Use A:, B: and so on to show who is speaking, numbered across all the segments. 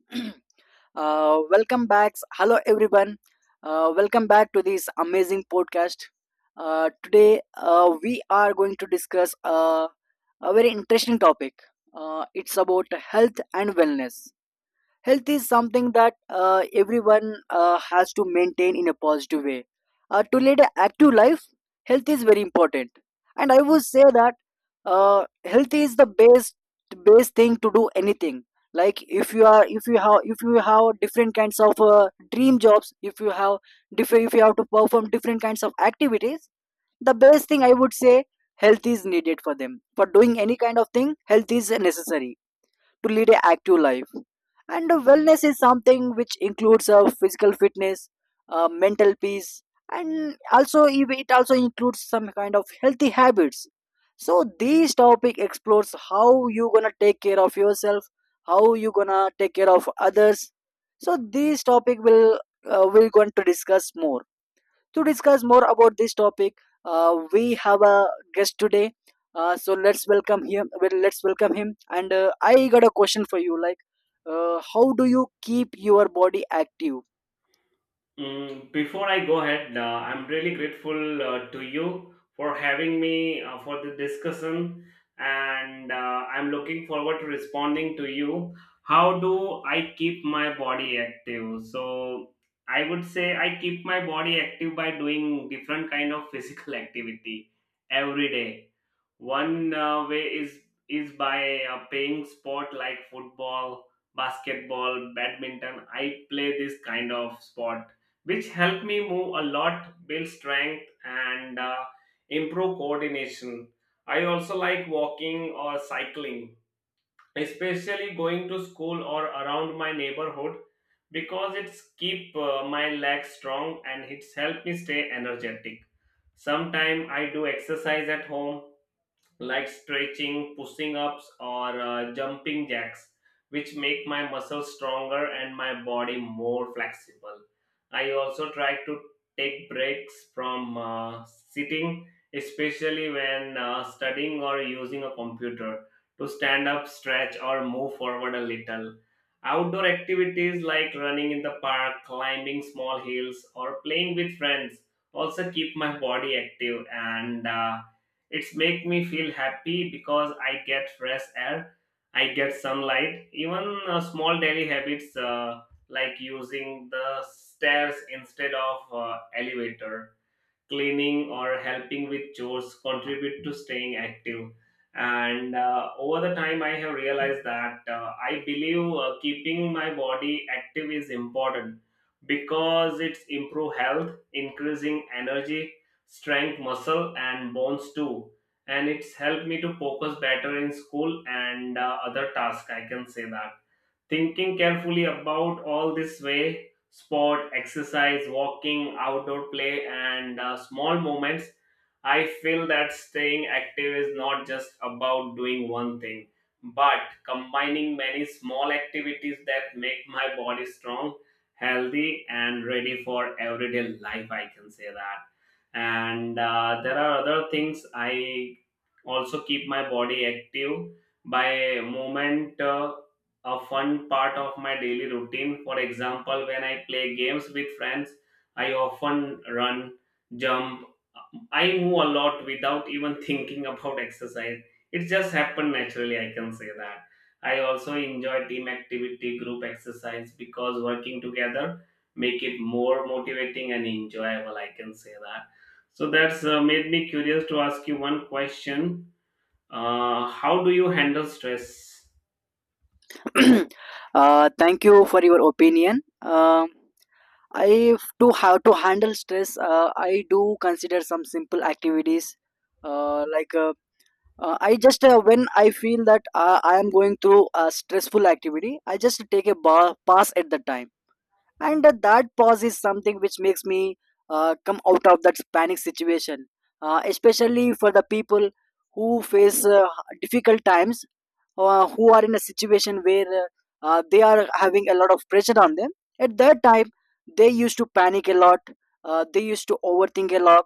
A: Welcome back. Hello, everyone. Welcome back to this amazing podcast. Today, we are going to discuss a very interesting topic. It's about health and wellness. Health is something that everyone has to maintain in a positive way to lead an active life. Health is very important, and I would say that uh, health is the best thing to do anything. Like, if you are if you have different kinds of dream jobs, if you have different if you have to perform different kinds of activities, the best thing I would say, health is needed for them. For doing any kind of thing, health is necessary to lead an active life. And wellness is something which includes physical fitness, mental peace, and also it also includes some kind of healthy habits. So this topic explores how you gonna take care of yourself, how you gonna take care of others. So this topic will we're going to discuss more. To discuss more about this topic, we have a guest today. So let's welcome him. Well, let's welcome him. And I got a question for you. Like, how do you keep your body active?
B: Mm, before I go ahead, I'm really grateful to you for having me for the discussion, and I'm looking forward to responding to you. How do I keep my body active? So I would say I keep my body active by doing different kind of physical activity every day. One way is by playing sport like football, basketball, badminton. I play this kind of sport, which help me move a lot, build strength, and improve coordination. I also like walking or cycling, especially going to school or around my neighborhood, because it's keep my legs strong and it's help me stay energetic. Sometimes I do exercise at home like stretching, pushing ups, or jumping jacks, which make my muscles stronger and my body more flexible. I also try to take breaks from sitting, especially when studying or using a computer, to stand up, stretch, or move forward a little. Outdoor activities like running in the park, climbing small hills, or playing with friends also keep my body active, and it's make me feel happy because I get fresh air, I get sunlight. Even small daily habits like using the stairs instead of elevator, cleaning or helping with chores contribute to staying active, and over the time I have realized that I believe keeping my body active is important because it's improve health, increasing energy, strength muscle and bones too, and it's helped me to focus better in school and other tasks. I can say that. Thinking carefully about all this way, sport, exercise, walking, outdoor play, and small moments, I feel that staying active is not just about doing one thing, but combining many small activities that make my body strong, healthy, and ready for everyday life. I can say that. And there are other things. I also keep my body active by movement, a fun part of my daily routine. For example, when I play games with friends, I often run, jump, I move a lot without even thinking about exercise. It just happened naturally, I can say that. I also enjoy team activity, group exercise, because working together make it more motivating and enjoyable, I can say that. So that's made me curious to ask you one question. How do you handle stress?
A: Thank you for your opinion. I to have to handle stress. I do consider some simple activities, uh, like uh, I just when I feel that I am going through a stressful activity, I just take a pass at the time. And that pause is something which makes me come out of that panic situation, especially for the people who face difficult times, who are in a situation where they are having a lot of pressure on them. At that time they used to panic a lot. They used to overthink a lot.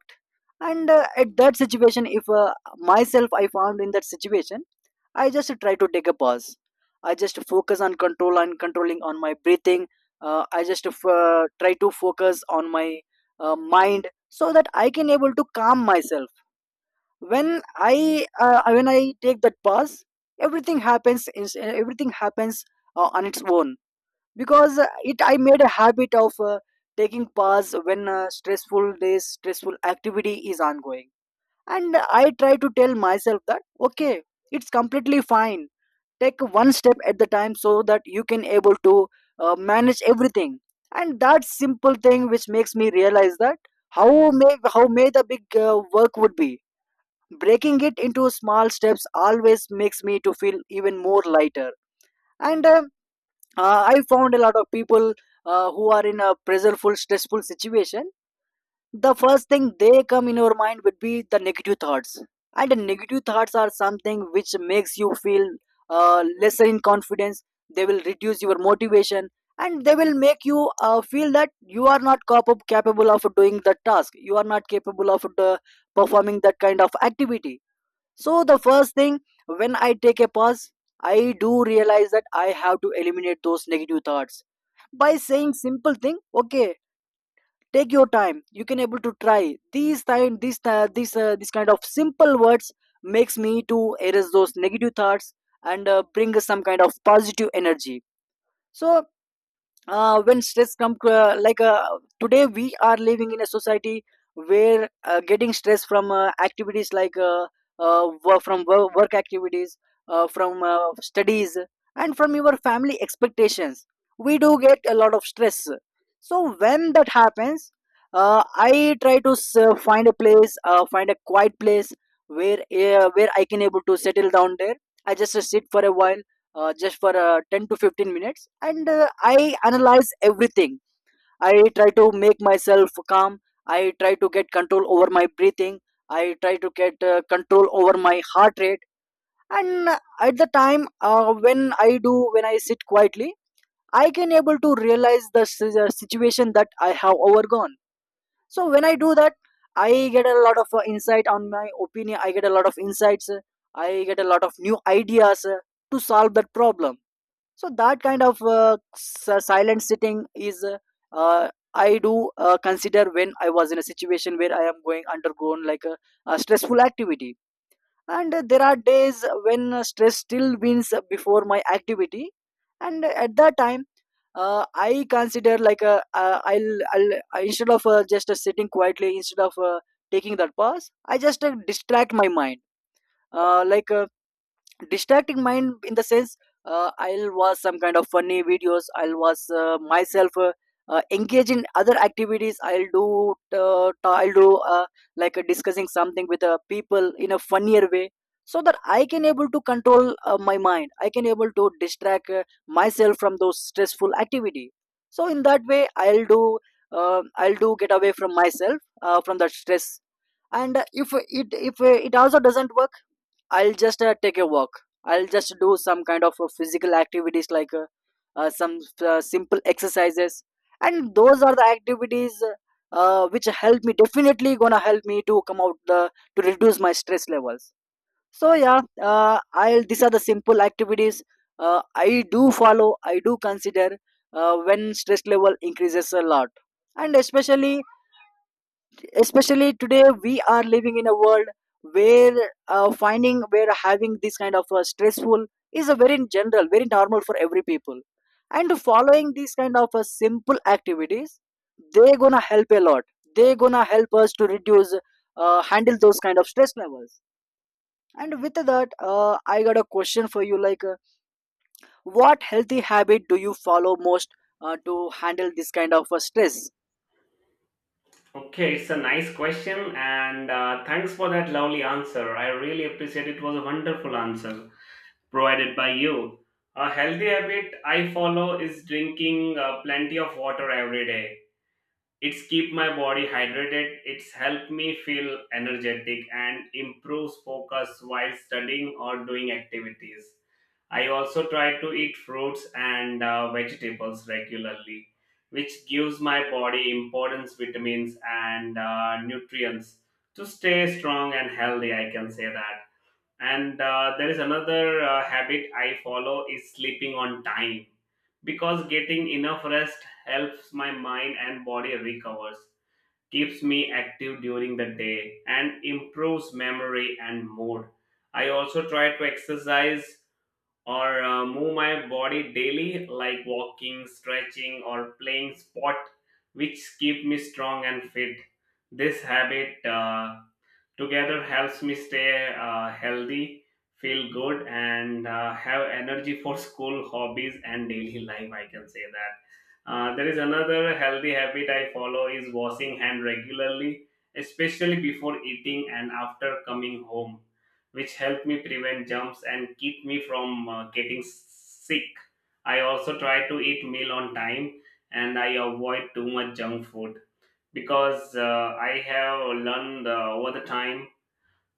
A: And at that situation, if myself I found in that situation, I just try to take a pause. I just focus on control and controlling on my breathing. I just try to focus on my mind, so that I can able to calm myself. When I when I take that pause, everything happens on its own. Because it I made a habit of taking pause when stressful days stressful activity is ongoing. And I try to tell myself that okay, it's completely fine. Take one step at the time, so that you can able to manage everything. And that simple thing which makes me realize that how how may the big work would be, breaking it into small steps always makes me to feel even more lighter. And I found a lot of people who are in a pressureful stressful situation, the first thing they come in your mind would be the negative thoughts. And the negative thoughts are something which makes you feel lesser in confidence. They will reduce your motivation, and they will make you feel that you are not capable of doing the task, you are not capable of the, performing that kind of activity. So the first thing when I take a pause, I do realize that I have to eliminate those negative thoughts by saying simple thing, okay, take your time, you can able to try these time this this kind of simple words makes me to erase those negative thoughts and bring some kind of positive energy. So when stress come today we are living in a society where getting stress from activities like work activities, from studies, and from your family expectations, we do get a lot of stress. So when that happens, I try to find a place, find a quiet place where I can able to settle down there. I just sit for a while, just for 10 to 15 minutes, and I analyze everything. I try to make myself calm. I try to get control over my breathing. I try to get control over my heart rate. And at the time when I do when I sit quietly, I can able to realize the situation that I have overgone. So when I do that, I get a lot of insight on my opinion, I get a lot of insights, I get a lot of new ideas to solve that problem. So that kind of silent sitting is uh, I do consider when I was in a situation where I am going undergone like a stressful activity. And there are days when stress still wins before my activity. And at that time, I consider like a, instead of just sitting quietly, instead of taking that pause, I just distract my mind. uh, like uh, distracting mind in the sense, I'll watch some kind of funny videos, I'll watch myself engage in other activities. I'll do I'll do discussing something with people in a funnier way, so that I can able to control my mind, I can able to distract myself from those stressful activity. So in that way, I'll do I'll do get away from myself from that stress. And if it, if it also doesn't work, I'll just take a walk. I'll just do some kind of physical activities like some simple exercises, and those are the activities which help me. Definitely gonna help me to come out the to reduce my stress levels. So yeah, I'll these are the simple activities I do follow. I do consider when stress level increases a lot, and especially today we are living in a world where finding where having this kind of stressful is a very general very normal for every people. And following these kind of simple activities, they gonna help a lot. They gonna help us to reduce handle those kind of stress levels. And with that I got a question for you. Like what healthy habit do you follow most to handle this kind of stress?
B: Okay, it's a nice question, and thanks for that lovely answer. I really appreciate it. It was a wonderful answer provided by you. A healthy habit I follow is drinking plenty of water every day. It's keep my body hydrated. It's helped me feel energetic and improves focus while studying or doing activities. I also try to eat fruits and vegetables regularly, which gives my body important vitamins and nutrients to stay strong and healthy. I can say that. And there is another habit I follow is sleeping on time because getting enough rest helps my mind and body recovers, keeps me active during the day, and improves memory and mood. I also try to exercise or move my body daily, like walking, stretching or playing sport, which keep me strong and fit. This habit together helps me stay healthy, feel good, and have energy for school, hobbies and daily life, I can say that. There is another healthy habit I follow is washing hand regularly, especially before eating and after coming home, which help me prevent germs and keep me from getting sick. I also try to eat meal on time, and I avoid too much junk food because I have learned over the time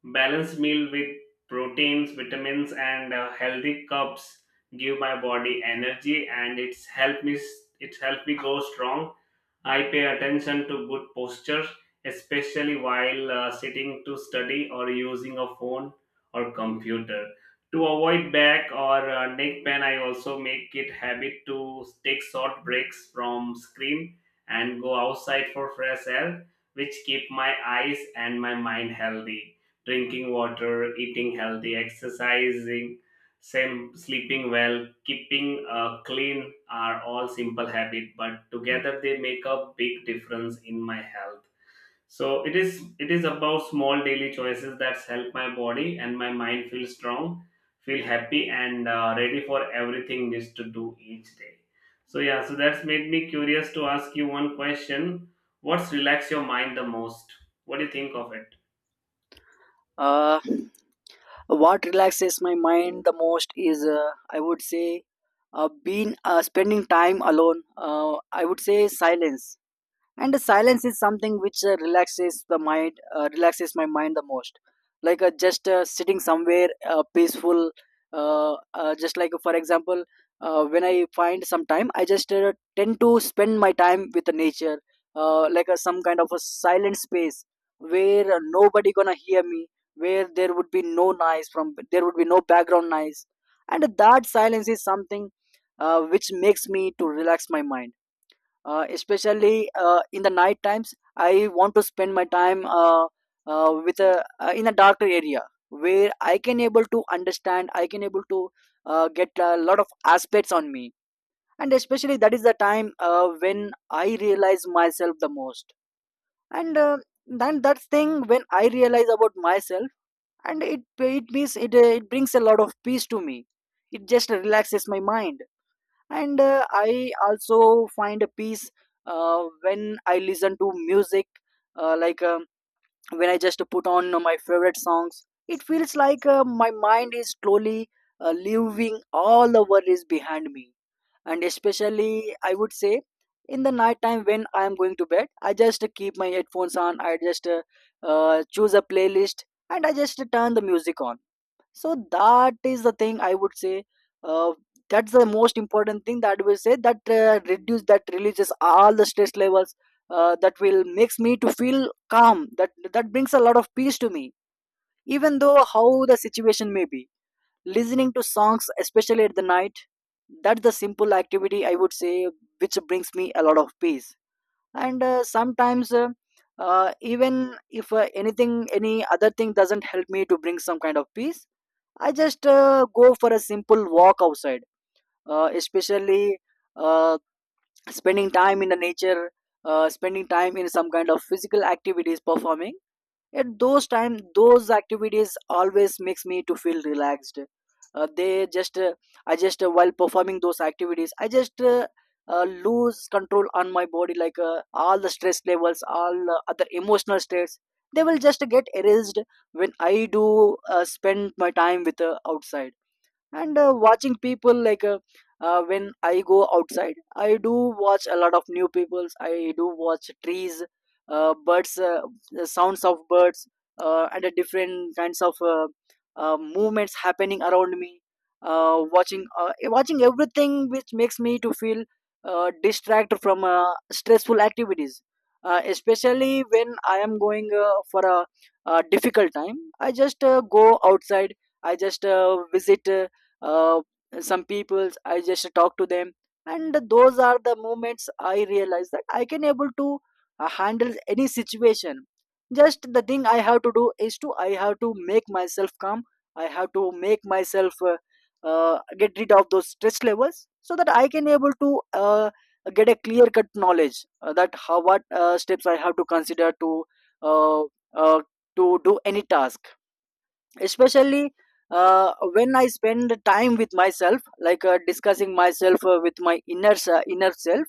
B: balanced meal with proteins, vitamins, and healthy carbs give my body energy, and it's helped me. It's helped me grow strong. I pay attention to good posture, especially while sitting to study or using a phone or computer. To avoid back or neck pain, I also make it habit to take short breaks from screen and go outside for fresh air, which keep my eyes and my mind healthy. Drinking water, eating healthy, exercising, same, sleeping well, keeping clean are all simple habit, but together they make a big difference in my health. So it is about small daily choices that help my body and my mind feel strong, feel happy, and ready for everything needs to do each day. So yeah, so that's made me curious to ask you one question. What's relax your mind the most? What do you think of it?
A: uh, what relaxes my mind the most is I would say being spending time alone, I would say silence. And the silence is something which relaxes the mind, relaxes my mind the most. Like just sitting somewhere peaceful, just like for example, when I find some time, I just tend to spend my time with the nature, some kind of a silent space where nobody gonna hear me, where there would be no noise from there would be no background noise. And that silence is something which makes me to relax my mind, especially in the night times I want to spend my time with a in a darker area where I can able to understand, I can able to get a lot of aspects on me. And especially that is the time when I realize myself the most. And then that thing when I realize about myself, and it means it, it brings a lot of peace to me, it just relaxes my mind. And I also find a peace when I listen to music, uh, like um, when I just put on my favorite songs, it feels like my mind is slowly leaving all the worries behind me. And especially I would say in the night time, when I am going to bed, I just keep my headphones on, I just choose a playlist and I just turn the music on. So that is the thing I would say, uh, that's the most important thing that will say that reduce that releases all the stress levels, that will makes me to feel calm, that that brings a lot of peace to me, even though how the situation may be. Listening to songs, especially at the night, that's the simple activity I would say, which brings me a lot of peace. And sometimes even if anything any other thing doesn't help me to bring some kind of peace, I just go for a simple walk outside, especially uh, spending time in the nature, spending time in some kind of physical activities performing. At those time, those activities always makes me to feel relaxed. Uh, they just, uh, I just While performing those activities, I just lose control on my body, like all the stress levels, all other emotional stress. They will just get erased when I do spend my time with outside and watching people like when I go outside, I do watch a lot of new peoples, I do watch trees, birds, the sounds of birds, and different kinds of movements happening around me, watching everything, which makes me to feel distracted from stressful activities. Uh, especially when I am going for a difficult time, I just go outside, I just visit, uh, some peoples, I just talk to them, and those are the moments I realize that I can able to handle any situation. Just the thing I have to do is to, I have to make myself calm, I have to make myself get rid of those stress levels, so that I can able to get a clear cut knowledge that how what steps I have to consider uh, uh, to do any task, especially when I spend time with myself, like discussing myself with my inner self.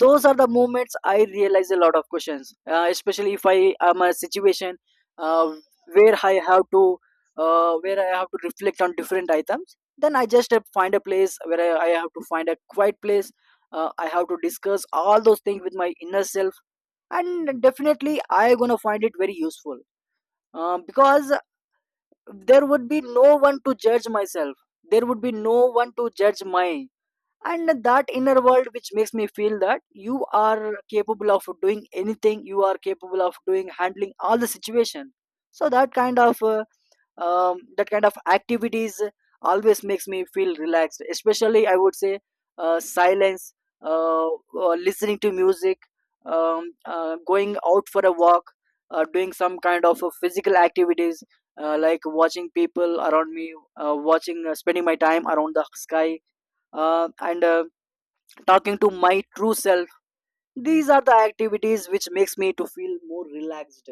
A: Those are the moments I realize a lot of questions, especially if I am a situation uh, where I have to, where I have to reflect on different items, then I just find a place where I have to find a quiet place. Uh, I have to discuss all those things with my inner self, and definitely I gonna find it very useful, because there would be no one to judge myself, there would be no one to judge my, and that inner world which makes me feel that you are capable of doing anything, you are capable of doing handling all the situation. So that kind of activities always makes me feel relaxed, especially I would say silence, uh, listening to music, going out for a walk, doing some kind of physical activities, like watching people around me, watching spending my time around the sky, and talking to my true self. These are the activities which makes me to feel more relaxed.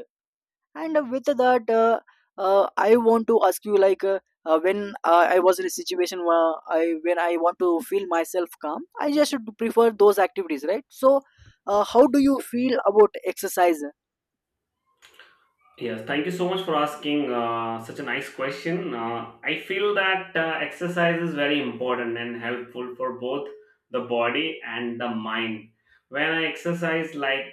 A: And uh, with that uh, uh, I want to ask you, like, when I was in a situation where I, when I want to feel myself calm, I just should prefer those activities, right? So how do you feel about exercise?
B: Yes, thank you so much for asking such a nice question. I feel that exercise is very important and helpful for both the body and the mind. When I exercise, like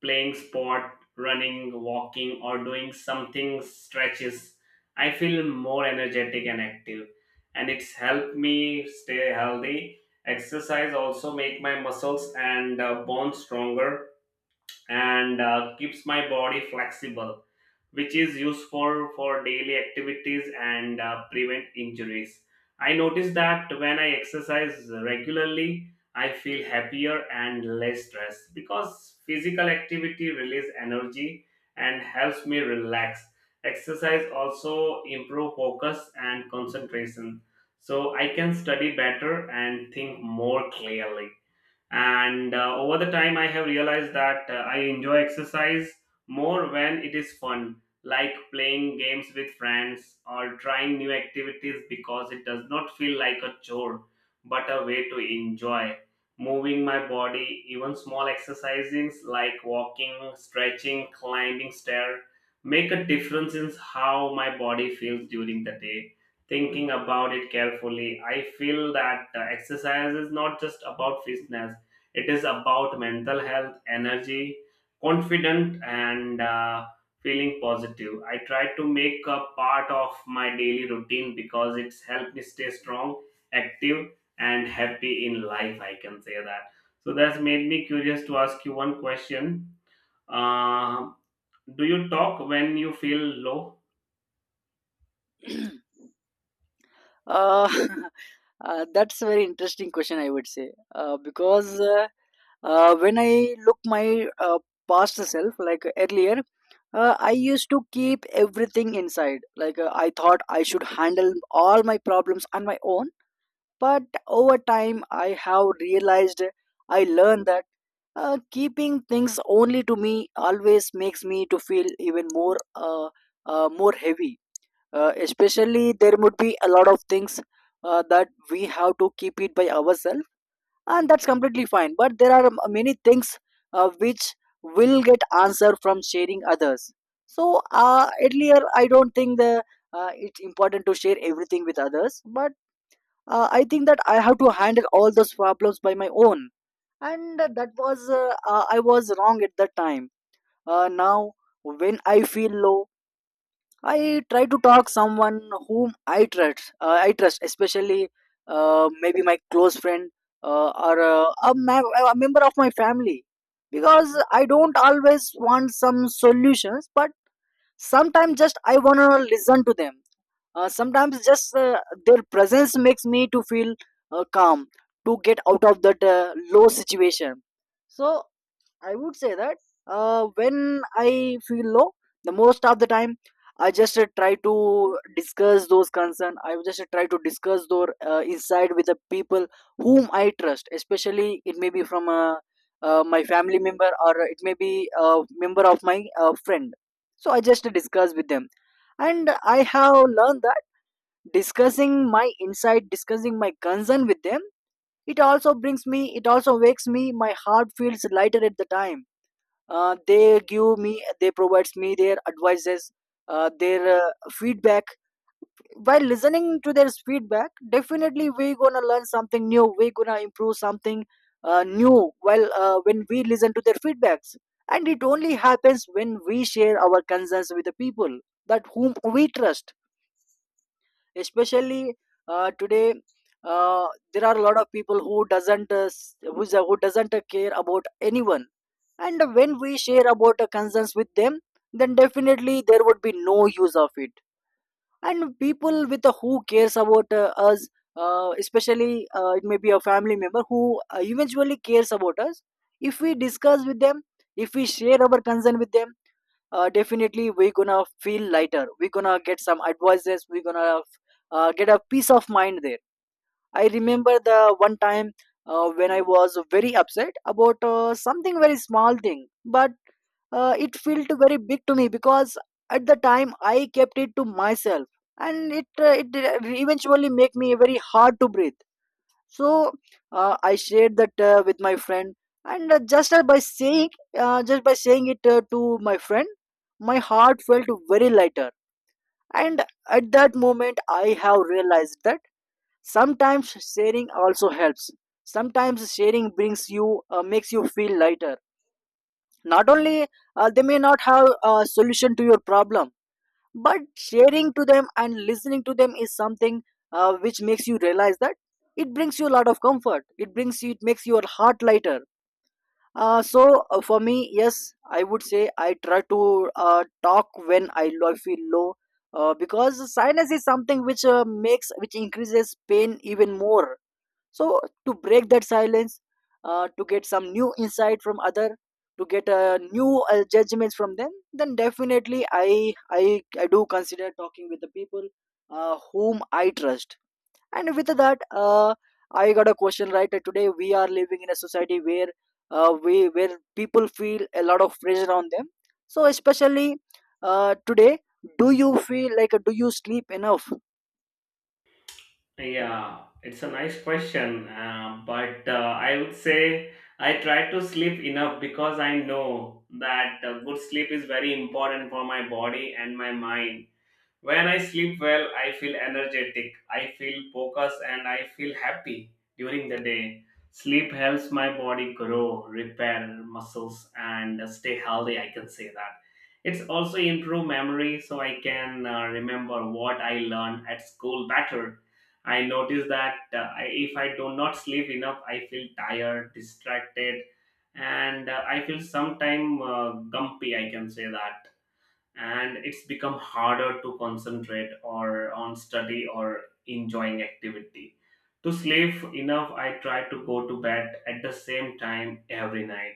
B: playing sport, running, walking, or doing something stretches, I feel more energetic and active, and it's helped me stay healthy. Exercise also make my muscles and bones stronger and keeps my body flexible, which is useful for daily activities and prevent injuries. I notice that when I exercise regularly, I feel happier and less stressed because physical activity releases energy and helps me relax. Exercise also improve focus and concentration, so I can study better and think more clearly, and over the time I have realized that I enjoy exercise more when it is fun, like playing games with friends or trying new activities, because it does not feel like a chore but a way to enjoy moving my body. Even small exercises like walking, stretching, climbing stair make a difference in how my body feels during the day. Thinking about it carefully, I feel that exercise is not just about fitness, it is about mental health, energy, confident, and feeling positive. I try to make a part of my daily routine because it's helped me stay strong, active, and happy in life. I can say that. So that's made me curious to ask you one question. Uh, do you talk when you feel low?
A: uh, that's a very interesting question, I would say, because when I look my past self, like earlier, I used to keep everything inside, like I thought I should handle all my problems on my own. But over time I have realized, I learned that keeping things only to me always makes me to feel even more more heavy. Uh, especially there would be a lot of things that we have to keep it by ourselves, and that's completely fine, but there are many things which will get answer from sharing others. So earlier I don't think the, it's important to share everything with others, but I think that I have to handle all those problems by my own, and that was, I was wrong at that time. Now, when I feel low, I try to talk someone whom I trust. I trust, especially maybe my close friend, or a, a member of my family, because I don't always want some solutions, but sometimes just I wanna listen to them. Sometimes just their presence makes me to feel calm, to get out of that low situation. So I would say that when I feel low, the most of the time, I just try to discuss those concerns. I just try to discuss those inside with the people whom I trust. Especially, it may be from my family member, or it may be a member of my friend. So I just discuss with them, and I have learned that discussing my insight, discussing my concern with them, it also brings me, it also wakes me. My heart feels lighter at the time, they provides me their advices, their feedback. While listening to their feedback, definitely we gonna learn something new, we gonna improve something new while when we listen to their feedbacks, and it only happens when we share our concerns with the people that whom we trust. Especially today, uh, there are a lot of people who doesn't who doesn't care about anyone, and when we share about concerns with them, then definitely there would be no use of it. And people with a who cares about us, especially it may be a family member who eventually cares about us, if we discuss with them, if we share our concern with them, definitely we're gonna feel lighter, we're gonna get some advices, we're gonna get a peace of mind there. I remember the one time when I was very upset about something very small thing, but it felt very big to me, because at the time I kept it to myself, and it eventually make me very hard to breathe. So I shared that with my friend, and just by saying it to my friend, my heart felt very lighter. And at that moment, I have realized that sometimes sharing also helps. Sometimes sharing brings you, makes you feel lighter. Not only they may not have a solution to your problem, but sharing to them and listening to them is something which makes you realize that it brings you a lot of comfort. It brings you, it makes your heart lighter. So for me, yes, I would say I try to talk when I feel low, because sinus is something which makes which increases pain even more. So to break that silence, to get some new insight from other, to get new judgments from them, then definitely I do consider talking with the people whom I trust. And with that uh, I got a question, right? Today we are living in a society where we where people feel a lot of pressure on them. So especially today, do you feel like do you sleep enough?
B: Yeah, it's a nice question, but I would say I try to sleep enough because I know that good sleep is very important for my body and my mind. When I sleep well, I feel energetic, I feel focused, and I feel happy during the day. Sleep helps my body grow, repair muscles, and stay healthy. I can say that. It's also improve memory, so I can remember what I learned at school better. I notice that if I do not sleep enough, I feel tired, distracted, and I feel sometime gumpy. I can say that, and it's become harder to concentrate or on study or enjoying activity. To sleep enough, I try to go to bed at the same time every night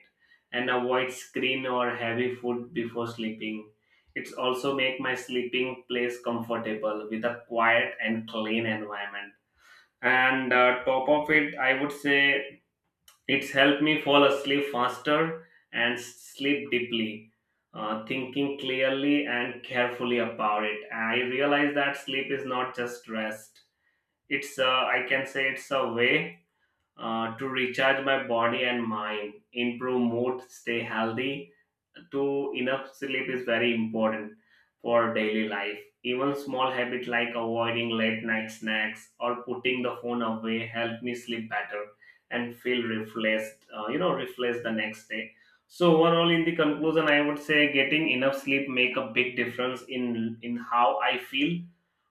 B: and avoid screen or heavy food before sleeping. It's also make my sleeping place comfortable with a quiet and clean environment, and top of it, I would say it's helped me fall asleep faster and sleep deeply. Thinking clearly and carefully about it, I realize that sleep is not just rest. It's a, I can say it's a way to recharge my body and mind, improve mood, stay healthy. To enough sleep is very important for daily life. Even small habits like avoiding late night snacks or putting the phone away help me sleep better and feel refreshed, refreshed the next day. So overall, in the conclusion, I would say getting enough sleep make a big difference in how I feel,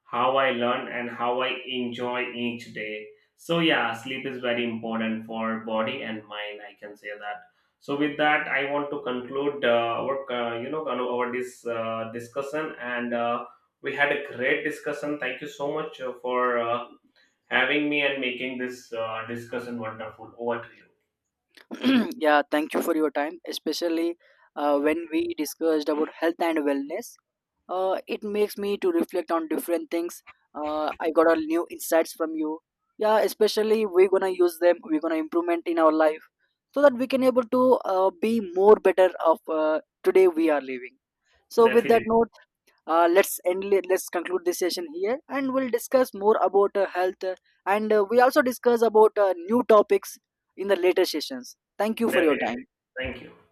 B: how I learn, and how I enjoy each day. So yeah, sleep is very important for body and mind. I can say that. So with that, I want to conclude our our this discussion, and we had a great discussion. Thank you so much for having me and making this discussion wonderful. Over to you.
A: Yeah, thank you for your time. Especially when we discussed about health and wellness, it makes me to reflect on different things. I got a new insights from you. Yeah, especially we're gonna use them, we're gonna improvement in our life, so that we can able to be more better of today we are living. So with that
B: Definitely,
A: note, let's end, let's conclude this session here, and we'll discuss more about health, and we also discuss about new topics in the later sessions. Thank you for your
B: definitely.
A: time.
B: Thank you.